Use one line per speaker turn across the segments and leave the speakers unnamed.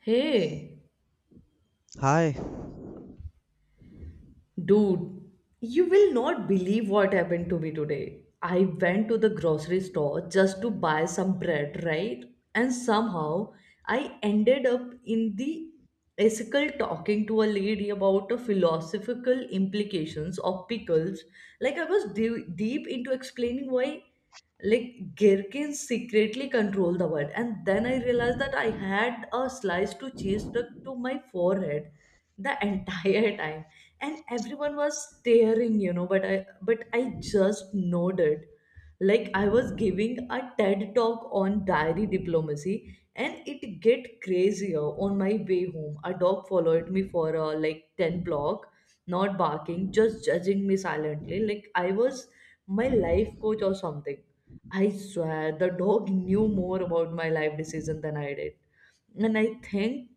Hey,
Hi.
dude, you will not believe what happened to me today. I went to the grocery store just to buy some bread, right? And somehow I ended up in the ethical talking to a lady about the philosophical implications of pickles. Like I was deep into explaining why, like gherkins secretly control the world. And then I realized that I had a slice to cheese stuck to my forehead the entire time and everyone was staring, but I just nodded like I was giving a TED talk on diary diplomacy. And it get crazier on my way home. A dog followed me for like 10 block, not barking, just judging me silently. Like I was my life coach or something. I swear the dog knew more about my life decision than I did. And I think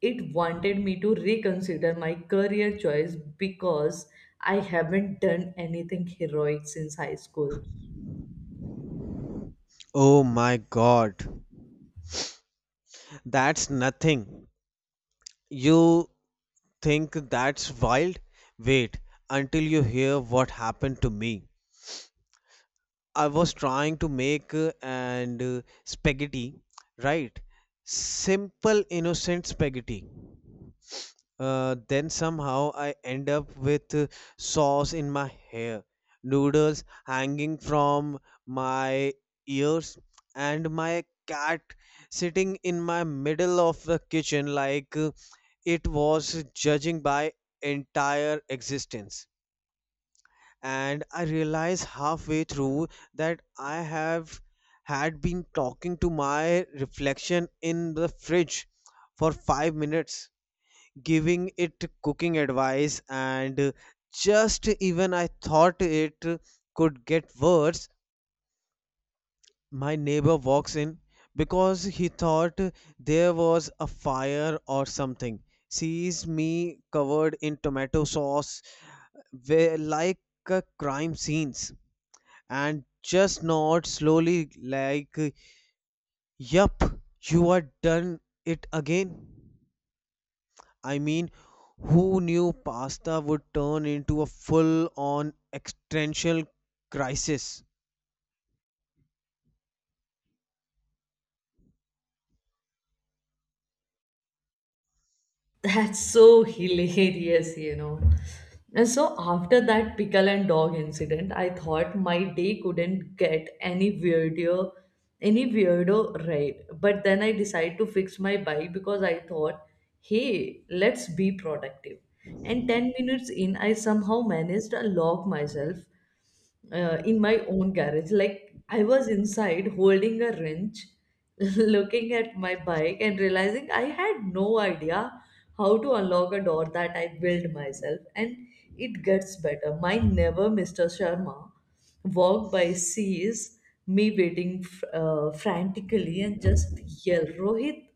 it wanted me to reconsider my career choice because I haven't done anything heroic since high school.
Oh my god. That's nothing. You think that's wild? Wait until you hear what happened to me. I was trying to make and spaghetti, right? Simple innocent spaghetti. Then somehow I end up with sauce in my hair, noodles hanging from my ears, and my cat sitting in my middle of the kitchen like it was judging by entire existence. And I realize halfway through that I have had been talking to my reflection in the fridge for 5 minutes giving it cooking advice and just even I thought it could get worse, my neighbor walks in because he thought there was a fire or something. Sees me covered in tomato sauce, where like a crime scenes, and just nods slowly like, "Yup, you are done it again." I mean, who knew pasta would turn into a full on existential crisis?
That's so hilarious, And so after that pickle and dog incident, I thought my day couldn't get any weirder, right. But then I decided to fix my bike because I thought, hey, let's be productive. And 10 minutes in, I somehow managed to lock myself in my own garage. Like I was inside holding a wrench, looking at my bike and realizing I had no idea how to unlock a door that I built myself. And it gets better. My never Mr. Sharma walked by, sees me waiting frantically, and just yell, Rohit.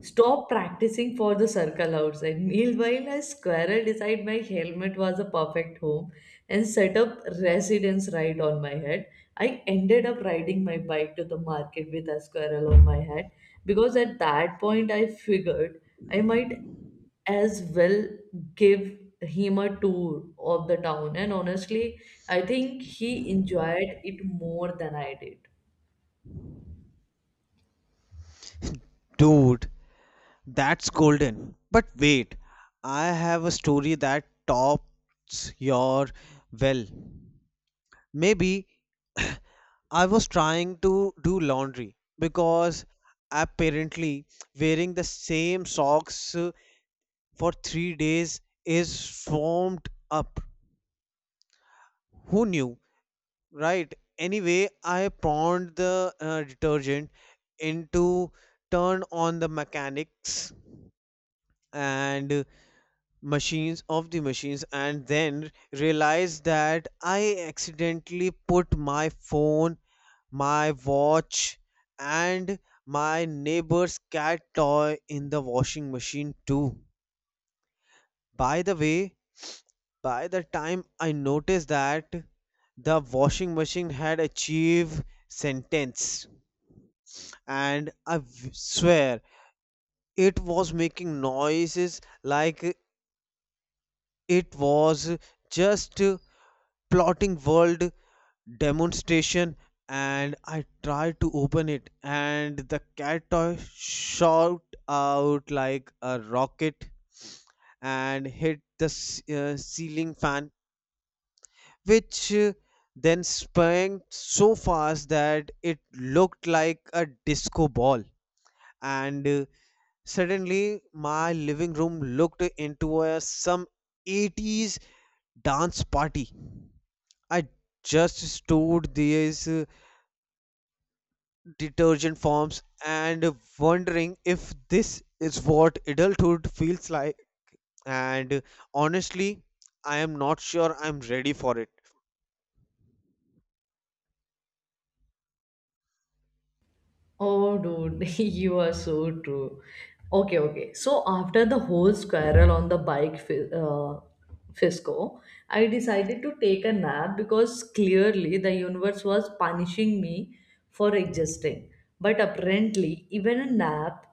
Stop practicing for the circle outside. Meanwhile, a squirrel decided my helmet was a perfect home and set up residence right on my head. I ended up riding my bike to the market with a squirrel on my head because at that point I figured I might as well give him a tour of the town. And honestly, I think he enjoyed it more than I did.
Dude, that's golden. But wait, I have a story that tops your well. Maybe I was trying to do laundry because apparently wearing the same socks for 3 days is formed up. Who knew? Right. Anyway, I pawned the detergent into turn on the mechanics and machines of the machines and then realized that I accidentally put my phone, my watch and my neighbor's cat toy in the washing machine too. By the way, by the time I noticed that the washing machine had achieved sentence and I swear it was making noises like it was just plotting world demonstration and I tried to open it and the cat toy shot out like a rocket and hit the ceiling fan which then sprang so fast that it looked like a disco ball and suddenly, my living room looked into a some 80s dance party. I just stored these detergent forms and wondering if this is what adulthood feels like. And Honestly, I am not sure I'm ready for it.
Oh, dude, you are so true. Okay. So after the whole squirrel on the bike fiasco, I decided to take a nap because clearly the universe was punishing me for existing. But apparently, even a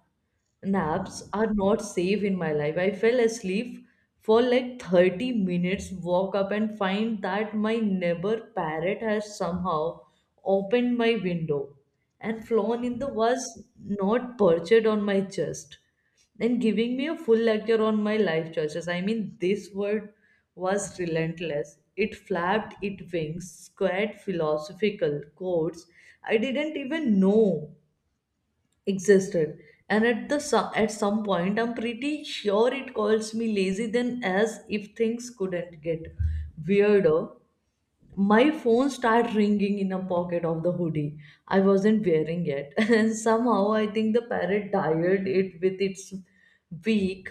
naps are not safe in my life. I fell asleep for like 30 minutes, woke up and find that my neighbor parrot has somehow opened my window and flown in the was not perched on my chest and giving me a full lecture on my life choices. I mean, this word was relentless. It flapped its wings, squared philosophical quotes I didn't even know existed. And at some point I'm pretty sure it calls me lazy. Then, as if things couldn't get weirder, my phone started ringing in a pocket of the hoodie I wasn't wearing it. And somehow I think the parrot tired it with its beak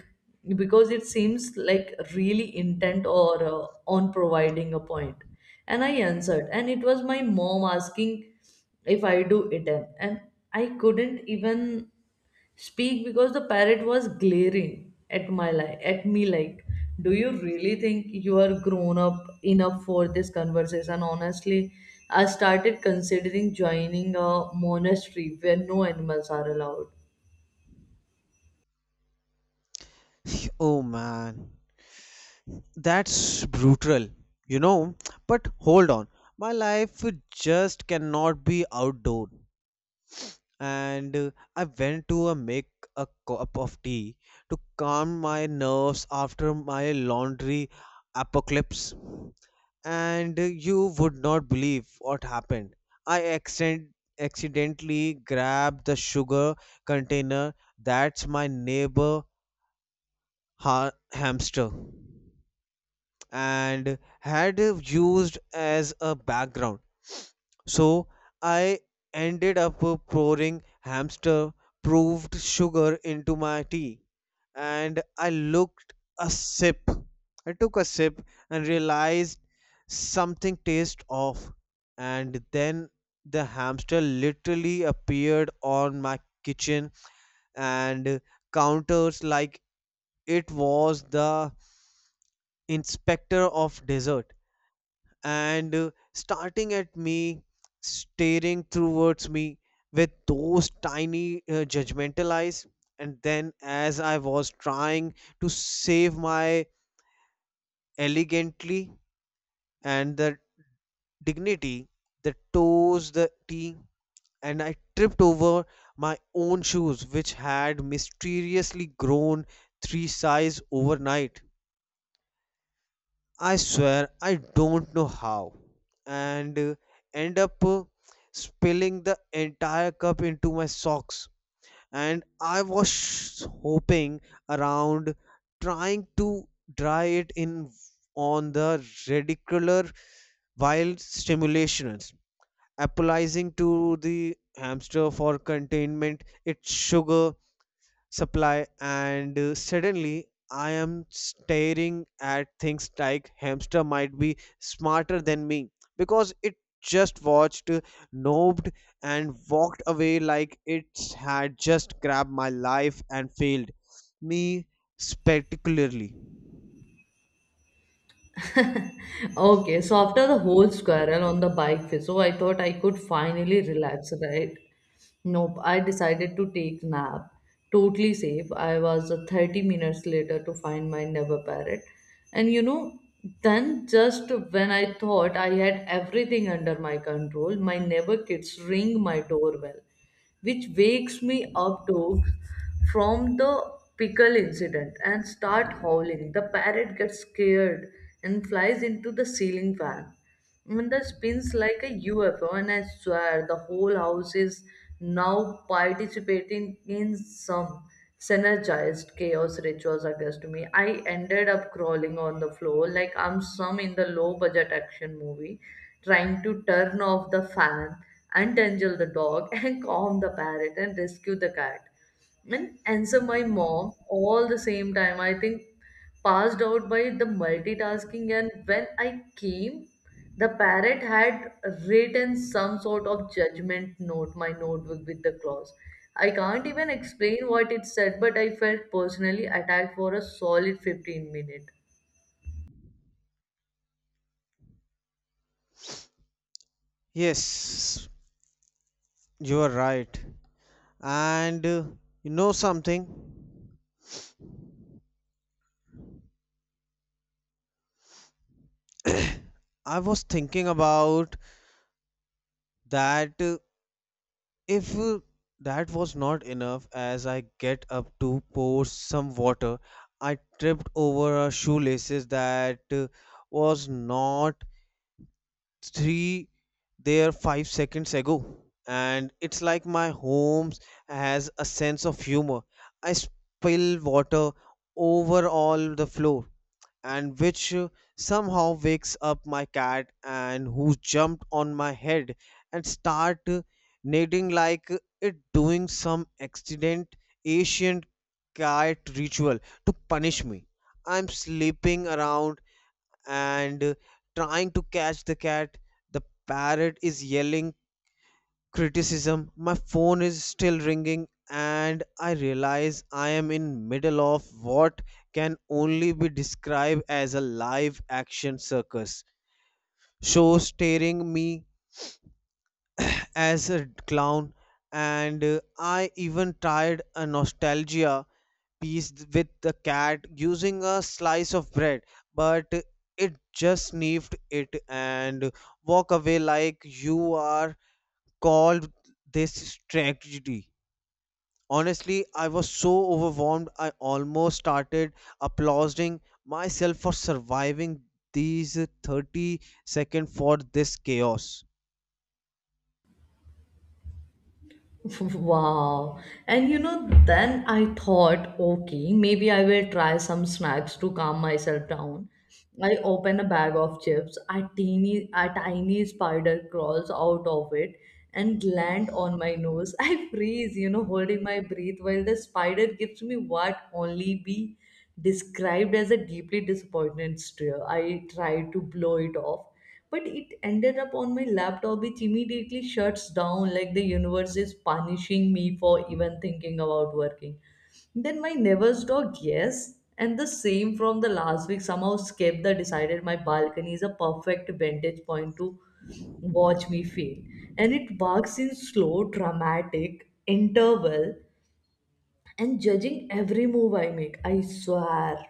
because it seems like really intent or on providing a point. And I answered and it was my mom asking if I do it. And I couldn't even speak because the parrot was glaring at at me like, do you really think you are grown up enough for this conversation? Honestly, I started considering joining a monastery where no animals are allowed.
Oh man, that's brutal, you know. But hold on, my life just cannot be outdoor. And I went to make a cup of tea to calm my nerves after my laundry apocalypse. And You would not believe what happened. I accidentally grabbed the sugar container that's my neighbor hamster and had used as a background so I ended up pouring hamster proved sugar into my tea and I looked a sip. I took a sip and realized something tastes off and then the hamster literally appeared on my kitchen and counters like it was the inspector of dessert and starting at me, staring towards me with those tiny judgmental eyes. And then, as I was trying to save my elegantly and the dignity, the toes, the tea, and I tripped over my own shoes, which had mysteriously grown three size overnight. I swear I don't know how, and end up spilling the entire cup into my socks. And I was hoping around, trying to dry it in on the radicular while stimulations, apologizing to the hamster for containment, its sugar, supply and suddenly I am staring at things like hamster might be smarter than me because it just watched nobbed and walked away like it had just grabbed my life and failed me spectacularly.
Okay, so after the whole squirrel on the bike fizzle, I thought I could finally relax, right? Nope, I decided to take nap. Totally safe. I was 30 minutes later to find my never parrot. And then just when I thought I had everything under my control, my neighbor kids ring my doorbell which wakes me up dogs from the pickle incident and start howling. The parrot gets scared and flies into the ceiling fan. And the spins like a UFO, and I swear the whole house is now participating in some synergized chaos rituals against me. I ended up crawling on the floor like I'm some in the low budget action movie, trying to turn off the fan, untangle the dog, and calm the parrot and rescue the cat and answer my mom all the same time. I think passed out by the multitasking. And when I came, the parrot had written some sort of judgment note my notebook with the clause. I can't even explain what it said but I felt personally attacked for a solid 15 minutes.
Yes, you are right and you know something, I was thinking about that. If that was not enough, as I get up to pour some water, I tripped over a shoelaces that was not three there 5 seconds ago. And it's like my homes has a sense of humor. I spill water over all the floor and which somehow wakes up my cat and who jumped on my head and start neigh like it doing some accident ancient cat ritual to punish me. I'm sleeping around and trying to catch the cat, the parrot is yelling criticism, my phone is still ringing and I realize I am in middle of what can only be described as a live action circus show staring me as a clown and I even tried a nostalgia piece with the cat using a slice of bread but it just sniffed it and walk away like you are called this tragedy. Honestly, I was so overwhelmed I almost started applauding myself for surviving these 30 seconds for this chaos.
Wow. And then I thought, okay, maybe I will try some snacks to calm myself down. I open a bag of chips, a tiny spider crawls out of it and land on my nose. I freeze, holding my breath while the spider gives me what only be described as a deeply disappointed stare. I try to blow it off but it ended up on my laptop which immediately shuts down like the universe is punishing me for even thinking about working. Then my neighbor's dog, yes, and the same from the last week somehow escaped the decided my balcony is a perfect vantage point to watch me fail. And it barks in slow dramatic interval and judging every move I make. I swear,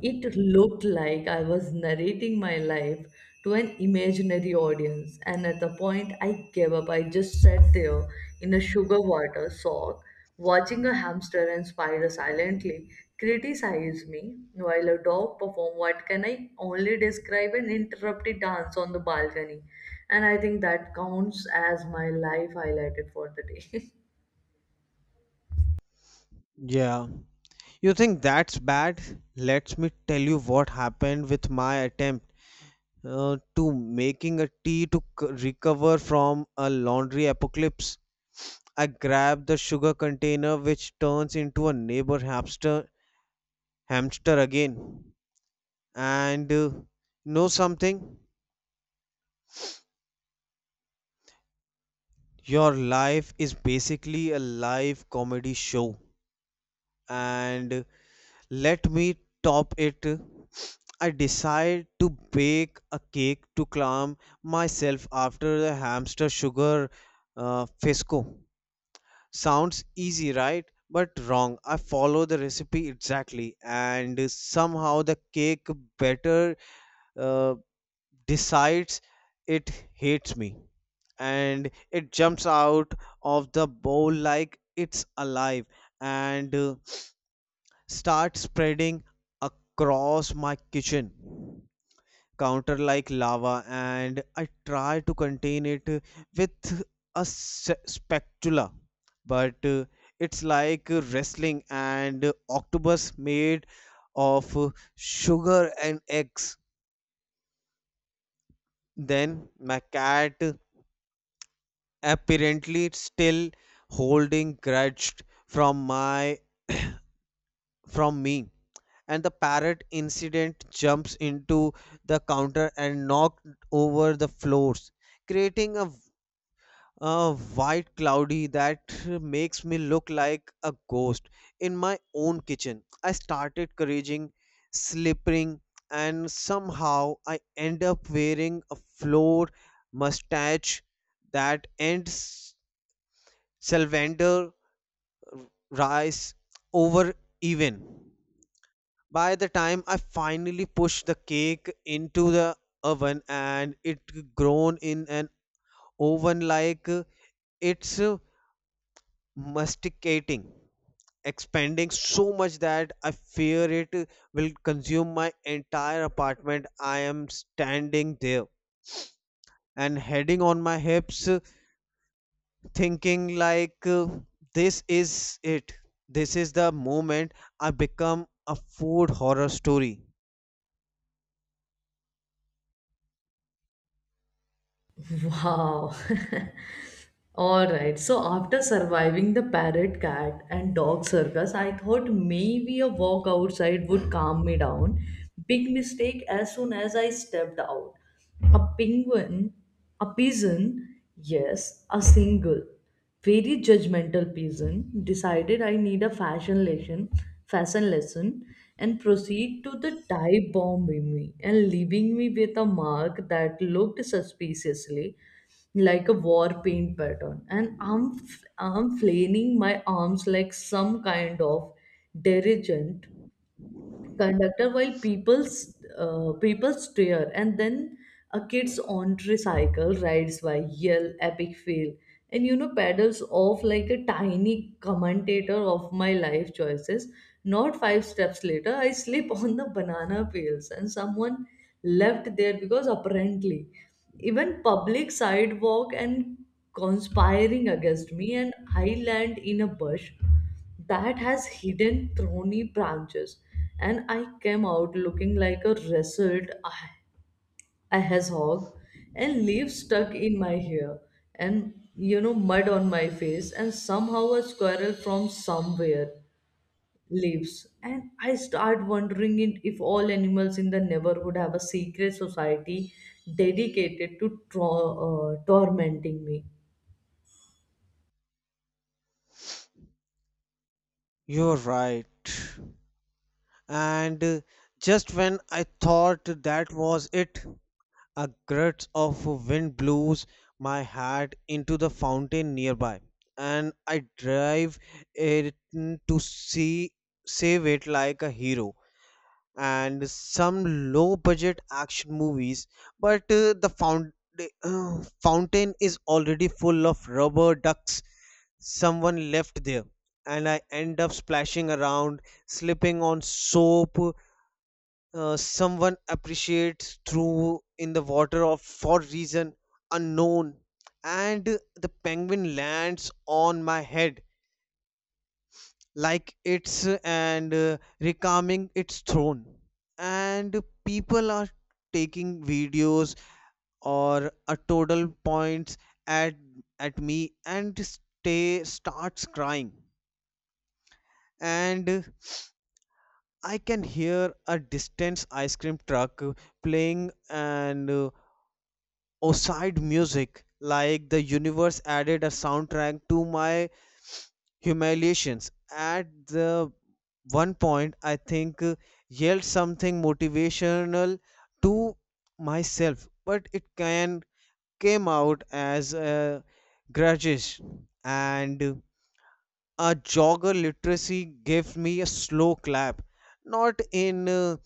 it looked like I was narrating my life to an imaginary audience. And at the point I gave up, I just sat there in a sugar water sock, watching a hamster and spider silently criticize me while a dog performed what can I only describe an interrupted dance on the balcony. And I think that counts as my life highlighted for the day.
Yeah. You think that's bad? Let me tell you what happened with my attempt to making a tea to recover from a laundry apocalypse. I grabbed the sugar container which turns into a neighbor hamster again. And Know something? Your life is basically a live comedy show, and let me top it. I decide to bake a cake to calm myself after the hamster sugar fiasco. Sounds easy, right? But wrong. I follow the recipe exactly, and somehow the cake better. Uh, Decides it hates me and it jumps out of the bowl like it's alive and starts spreading across my kitchen counter like lava and I try to contain it with a spatula but it's like wrestling and octopus made of sugar and eggs. Then my cat apparently still holding grudged from me and the parrot incident jumps into the counter and knocked over the floors creating a white cloudy that makes me look like a ghost in my own kitchen. I started couraging slipping and somehow I end up wearing a floor mustache that ends salvander rice over even. By the time I finally pushed the cake into the oven and it grown in an oven like it's masticating, expanding so much that I fear it will consume my entire apartment. I am standing there and heading on my hips thinking like this is it. This is the moment I become a food horror story.
Wow. All right. So after surviving the parrot, cat, and dog circus, I thought maybe a walk outside would calm me down. Big mistake as soon as I stepped out. A penguin, a pigeon, yes, a single very judgmental person decided I need a fashion lesson, fashion lesson, and proceed to the dive bomb in me and leaving me with a mark that looked suspiciously like a war paint pattern. And I'm flailing my arms like some kind of detergent conductor while people stare. And then a kid's on tricycle rides by, yell epic fail, and paddles off like a tiny commentator of my life choices. Not five steps later I slip on the banana peels and someone left there because apparently even public sidewalk and conspiring against me. And I land in a bush that has hidden thorny branches. And I came out looking like a wrestled ahas hog and leaves stuck in my hair and, mud on my face and somehow a squirrel from somewhere leaves. And I start wondering if all animals in the neighborhood have a secret society dedicated to tormenting me.
You're right and just when I thought that was it, a gust of wind blows my hat into the fountain nearby and I drive it to see save it like a hero and some low budget action movies but fountain is already full of rubber ducks someone left there and I end up splashing around slipping on soap, someone appreciates through in the water of for reason unknown and the penguin lands on my head like it's and reclaiming its throne and people are taking videos or a total points at at me and stay starts crying and I can hear a distant ice cream truck playing and outside music like the universe added a soundtrack to my humiliations. At the one point, I think yelled something motivational to myself, but it can came out as a grudges and a jogger literacy gave me a slow clap not in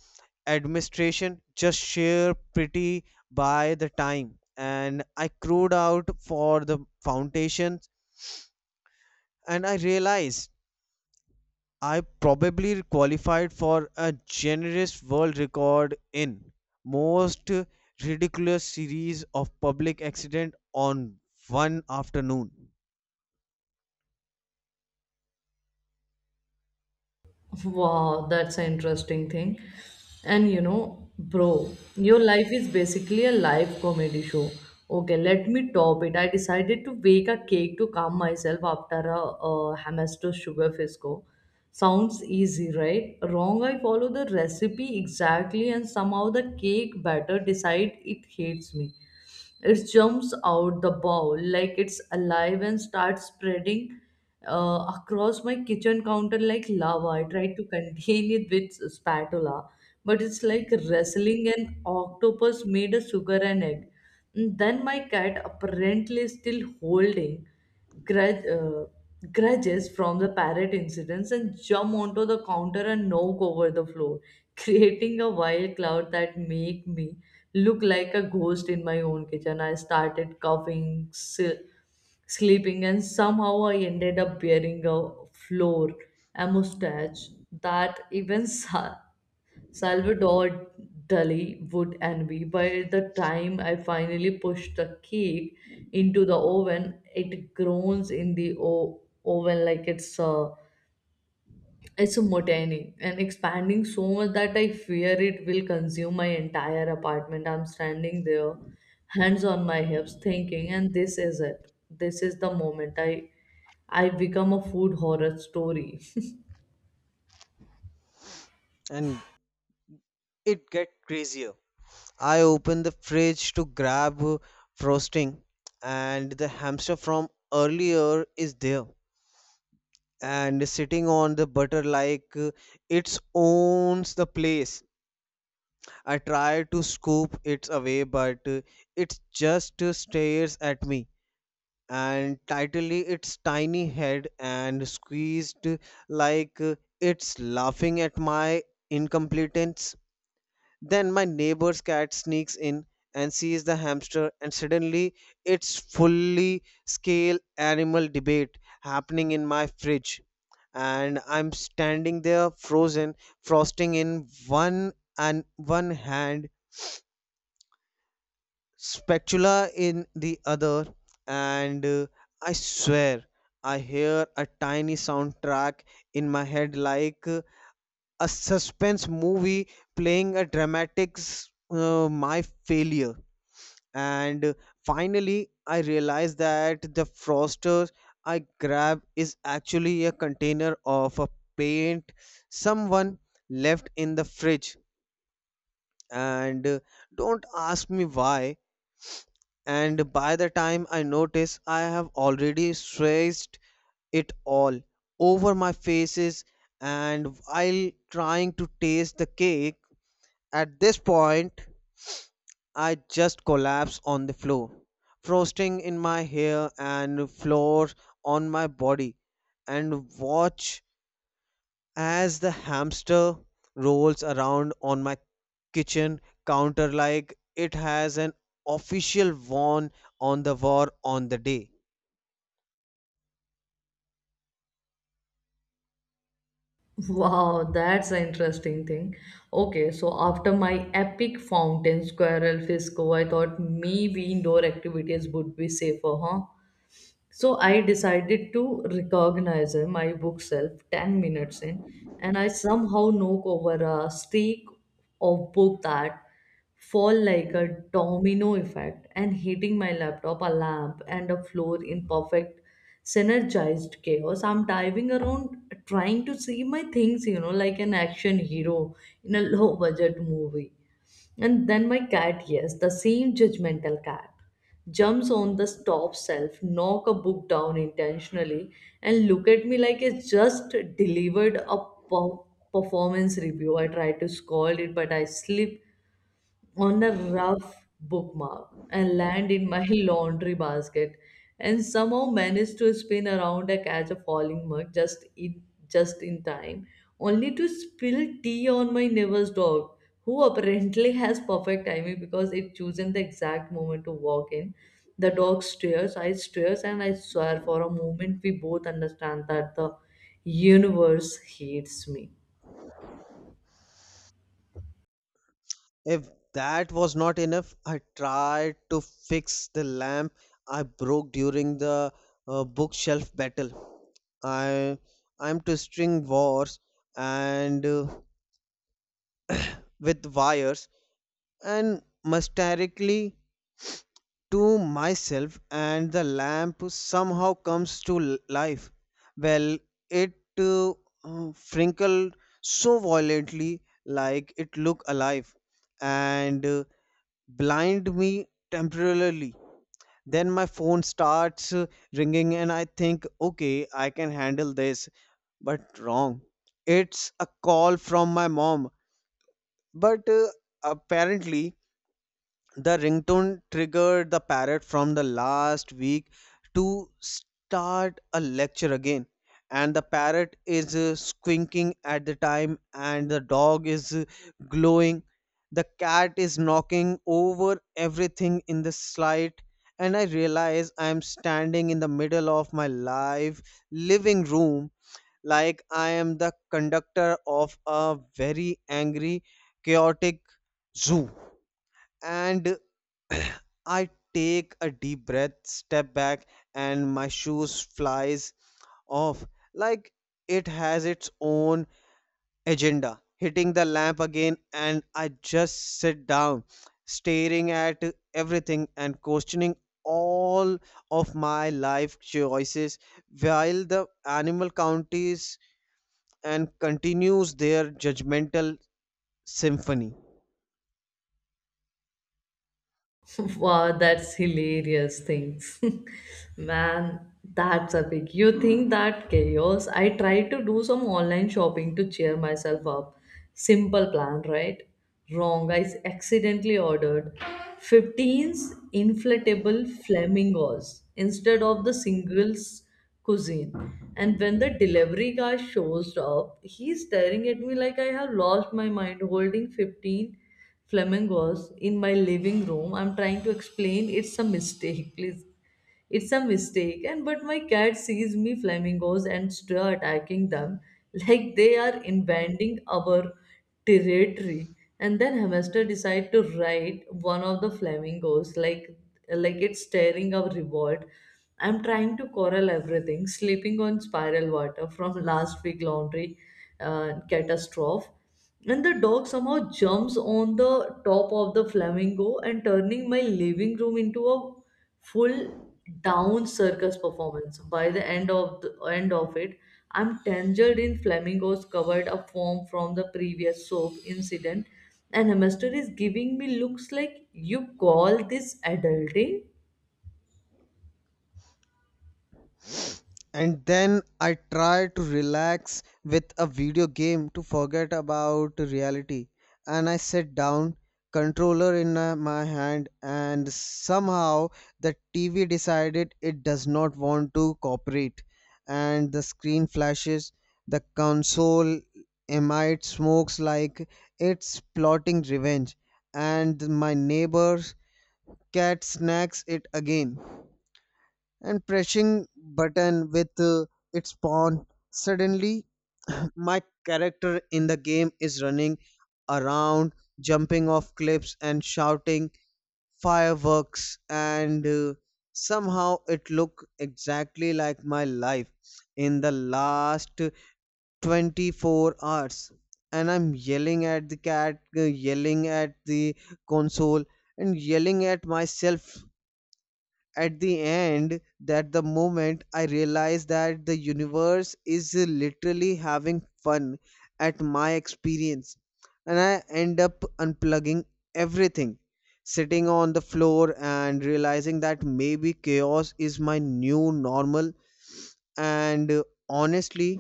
administration just sheer pretty by the time and I crowed out for the foundations and I realized I probably qualified for a generous world record in most ridiculous series of public accident on one afternoon.
Wow, that's an interesting thing. And bro, your life is basically a live comedy show. Okay, let me top it. I decided to bake a cake to calm myself after a hamster sugar fisco. Sounds easy, right? Wrong, I follow the recipe exactly, and somehow the cake batter decide it hates me. It jumps out the bowl like it's alive and starts spreading across my kitchen counter like lava. I tried to contain it with spatula, but it's like wrestling an octopus made of sugar and egg. And then my cat, apparently still holding grudge, uh, grudges from the parrot incidents, and jump onto the counter and knock over the floor, creating a wild cloud that make me look like a ghost in my own kitchen. I started sleeping, and somehow I ended up bearing a floor, a mustache that even Salvador Dali would envy. By the time I finally pushed the cake into the oven, it groans in the oven like it's a mutiny and expanding so much that I fear it will consume my entire apartment. I'm standing there, hands on my hips, thinking, and this is it. This is the moment I become a food horror story.
And it get crazier. I opened the fridge to grab frosting and the hamster from earlier is there and sitting on the butter like it owns the place. I try to scoop it away, but it just stares at me and tightly its tiny head and squeezed like it's laughing at my incompetence. Then my neighbor's cat sneaks in and sees the hamster, and suddenly it's fully scale animal debate happening in my fridge. And I'm standing there frozen, frosting in one hand, spatula in the other, and I swear I hear a tiny soundtrack in my head like a suspense movie playing a dramatic my failure. And finally, I realize that the froster I grab is actually a container of a paint someone left in the fridge. And don't ask me why, and by the time I notice, I have already stressed it all over my faces. And while trying to taste the cake, at this point, I just collapse on the floor, frosting in my hair and floor on my body, and watch as the hamster rolls around on my kitchen counter like it has an official warrant on the war on the day.
Wow, that's an interesting thing. Okay, so after my epic fountain squirrel fiasco, I thought maybe indoor activities would be safer, huh? So I decided to recognize him, my book self, 10 minutes in, and I somehow knock over a streak of book that fall like a domino effect and hitting my laptop, a lamp, and a floor in perfect synergized chaos. I'm diving around trying to see my things, like an action hero in a low budget movie. And then my cat, yes, the same judgmental cat, jumps on the top shelf, knock a book down intentionally, and look at me like it just delivered a per- performance review. I tried to scold it, but I slip on a rough bookmark and land in my laundry basket and somehow managed to spin around and catch a falling mug just in time, only to spill tea on my neighbor's dog who apparently has perfect timing because it chosen the exact moment to walk in. The dog stares, I stares, and I swear for a moment we both understand that the universe hates me.
If that was not enough, I tried to fix the lamp I broke during the bookshelf battle. I I'm to string wars and with wires and mysteriously to myself and the lamp somehow comes to life, well, it uh, uh, wrinkled so violently like it looked alive and blind me temporarily. Then my phone starts ringing and I think okay I can handle this but wrong, it's a call from my mom but apparently the ringtone triggered the parrot from the last week to start a lecture again and the parrot is squinking at the time and the dog is glowing, the cat is knocking over everything in the slide and I realize I am standing in the middle of my live living room like I am the conductor of a very angry chaotic zoo. And I take a deep breath, step back, and my shoes flies off like it has its own agenda. Hitting the lamp again, and I just sit down, staring at everything and questioning all of my life choices while the animal counties and continues their judgmental symphony.
Wow, that's hilarious things. Man, that's epic. You think that chaos? I tried to do some online shopping to cheer myself up. Simple plan, right? Wrong. I accidentally ordered 15 inflatable flamingos instead of the singles cuisine. And when the delivery guy shows up, he's staring at me like I have lost my mind holding 15 flamingos in my living room. I'm trying to explain it's a mistake, please. It's a mistake, and but my cat sees me flamingos and start attacking them like they are invading our territory. And then hamster decide to ride one of the flamingos like it's staring our reward. I'm trying to corral everything, sleeping on spiral water from last week laundry catastrophe. And the dog somehow jumps on the top of the flamingo and turning my living room into a full down circus performance. By the end of it, I'm tangled in flamingos covered up foam from the previous soap incident, and Hemester is giving me looks like you call this adulting.
And then I try to relax with a video game to forget about reality. And I sit down, controller in my hand, and somehow the TV decided it does not want to cooperate. And the screen flashes, the console emits smokes like it's plotting revenge, and my neighbor's cat snacks it again and pressing button with its pawn. Suddenly my character in the game is running around jumping off cliffs and shouting fireworks and somehow it look exactly like my life in the last 24 hours and I'm yelling at the cat, yelling at the console and yelling at myself at the end that the moment I realized that the universe is literally having fun at my experience, and I end up unplugging everything, sitting on the floor and realizing that maybe chaos is my new normal. And honestly,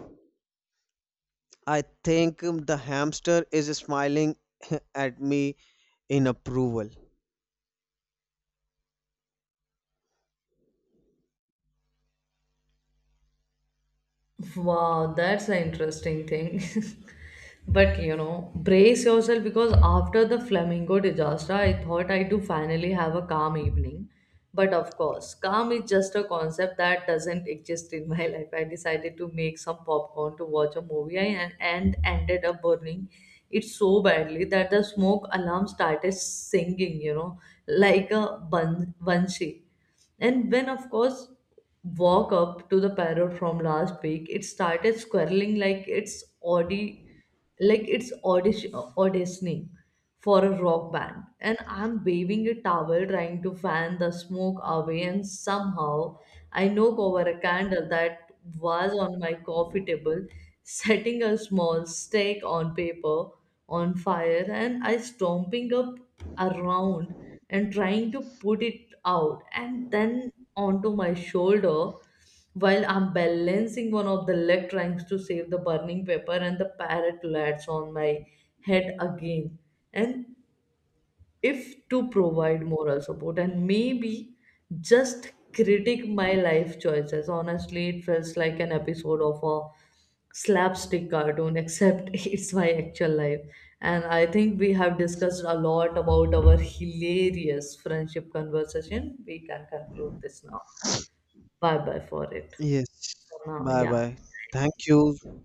I think the hamster is smiling at me in approval.
Wow, that's an interesting thing. But you know, brace yourself because after the flamingo disaster, I thought I do finally have a calm evening. But of course, calm is just a concept that doesn't exist in my life. I decided to make some popcorn to watch a movie and ended up burning it so badly that the smoke alarm started singing, like a banshee. And when, of course, walk up to the parrot from last week, it started squirreling like like auditioning for a rock band. And I'm waving a towel trying to fan the smoke away, and somehow I knock over a candle that was on my coffee table, setting a small stake on paper on fire, and I stomping up around and trying to put it out and then onto my shoulder while I'm balancing one of the leg trying to save the burning paper and the parrot lands on my head again. And if to provide moral support and maybe just critique my life choices. Honestly, it feels like an episode of a slapstick cartoon, except it's my actual life. And I think we have discussed a lot about our hilarious friendship conversation. We can conclude this now. Bye bye for it.
Yes.
For now,
Bye
yeah.
bye. Thank you.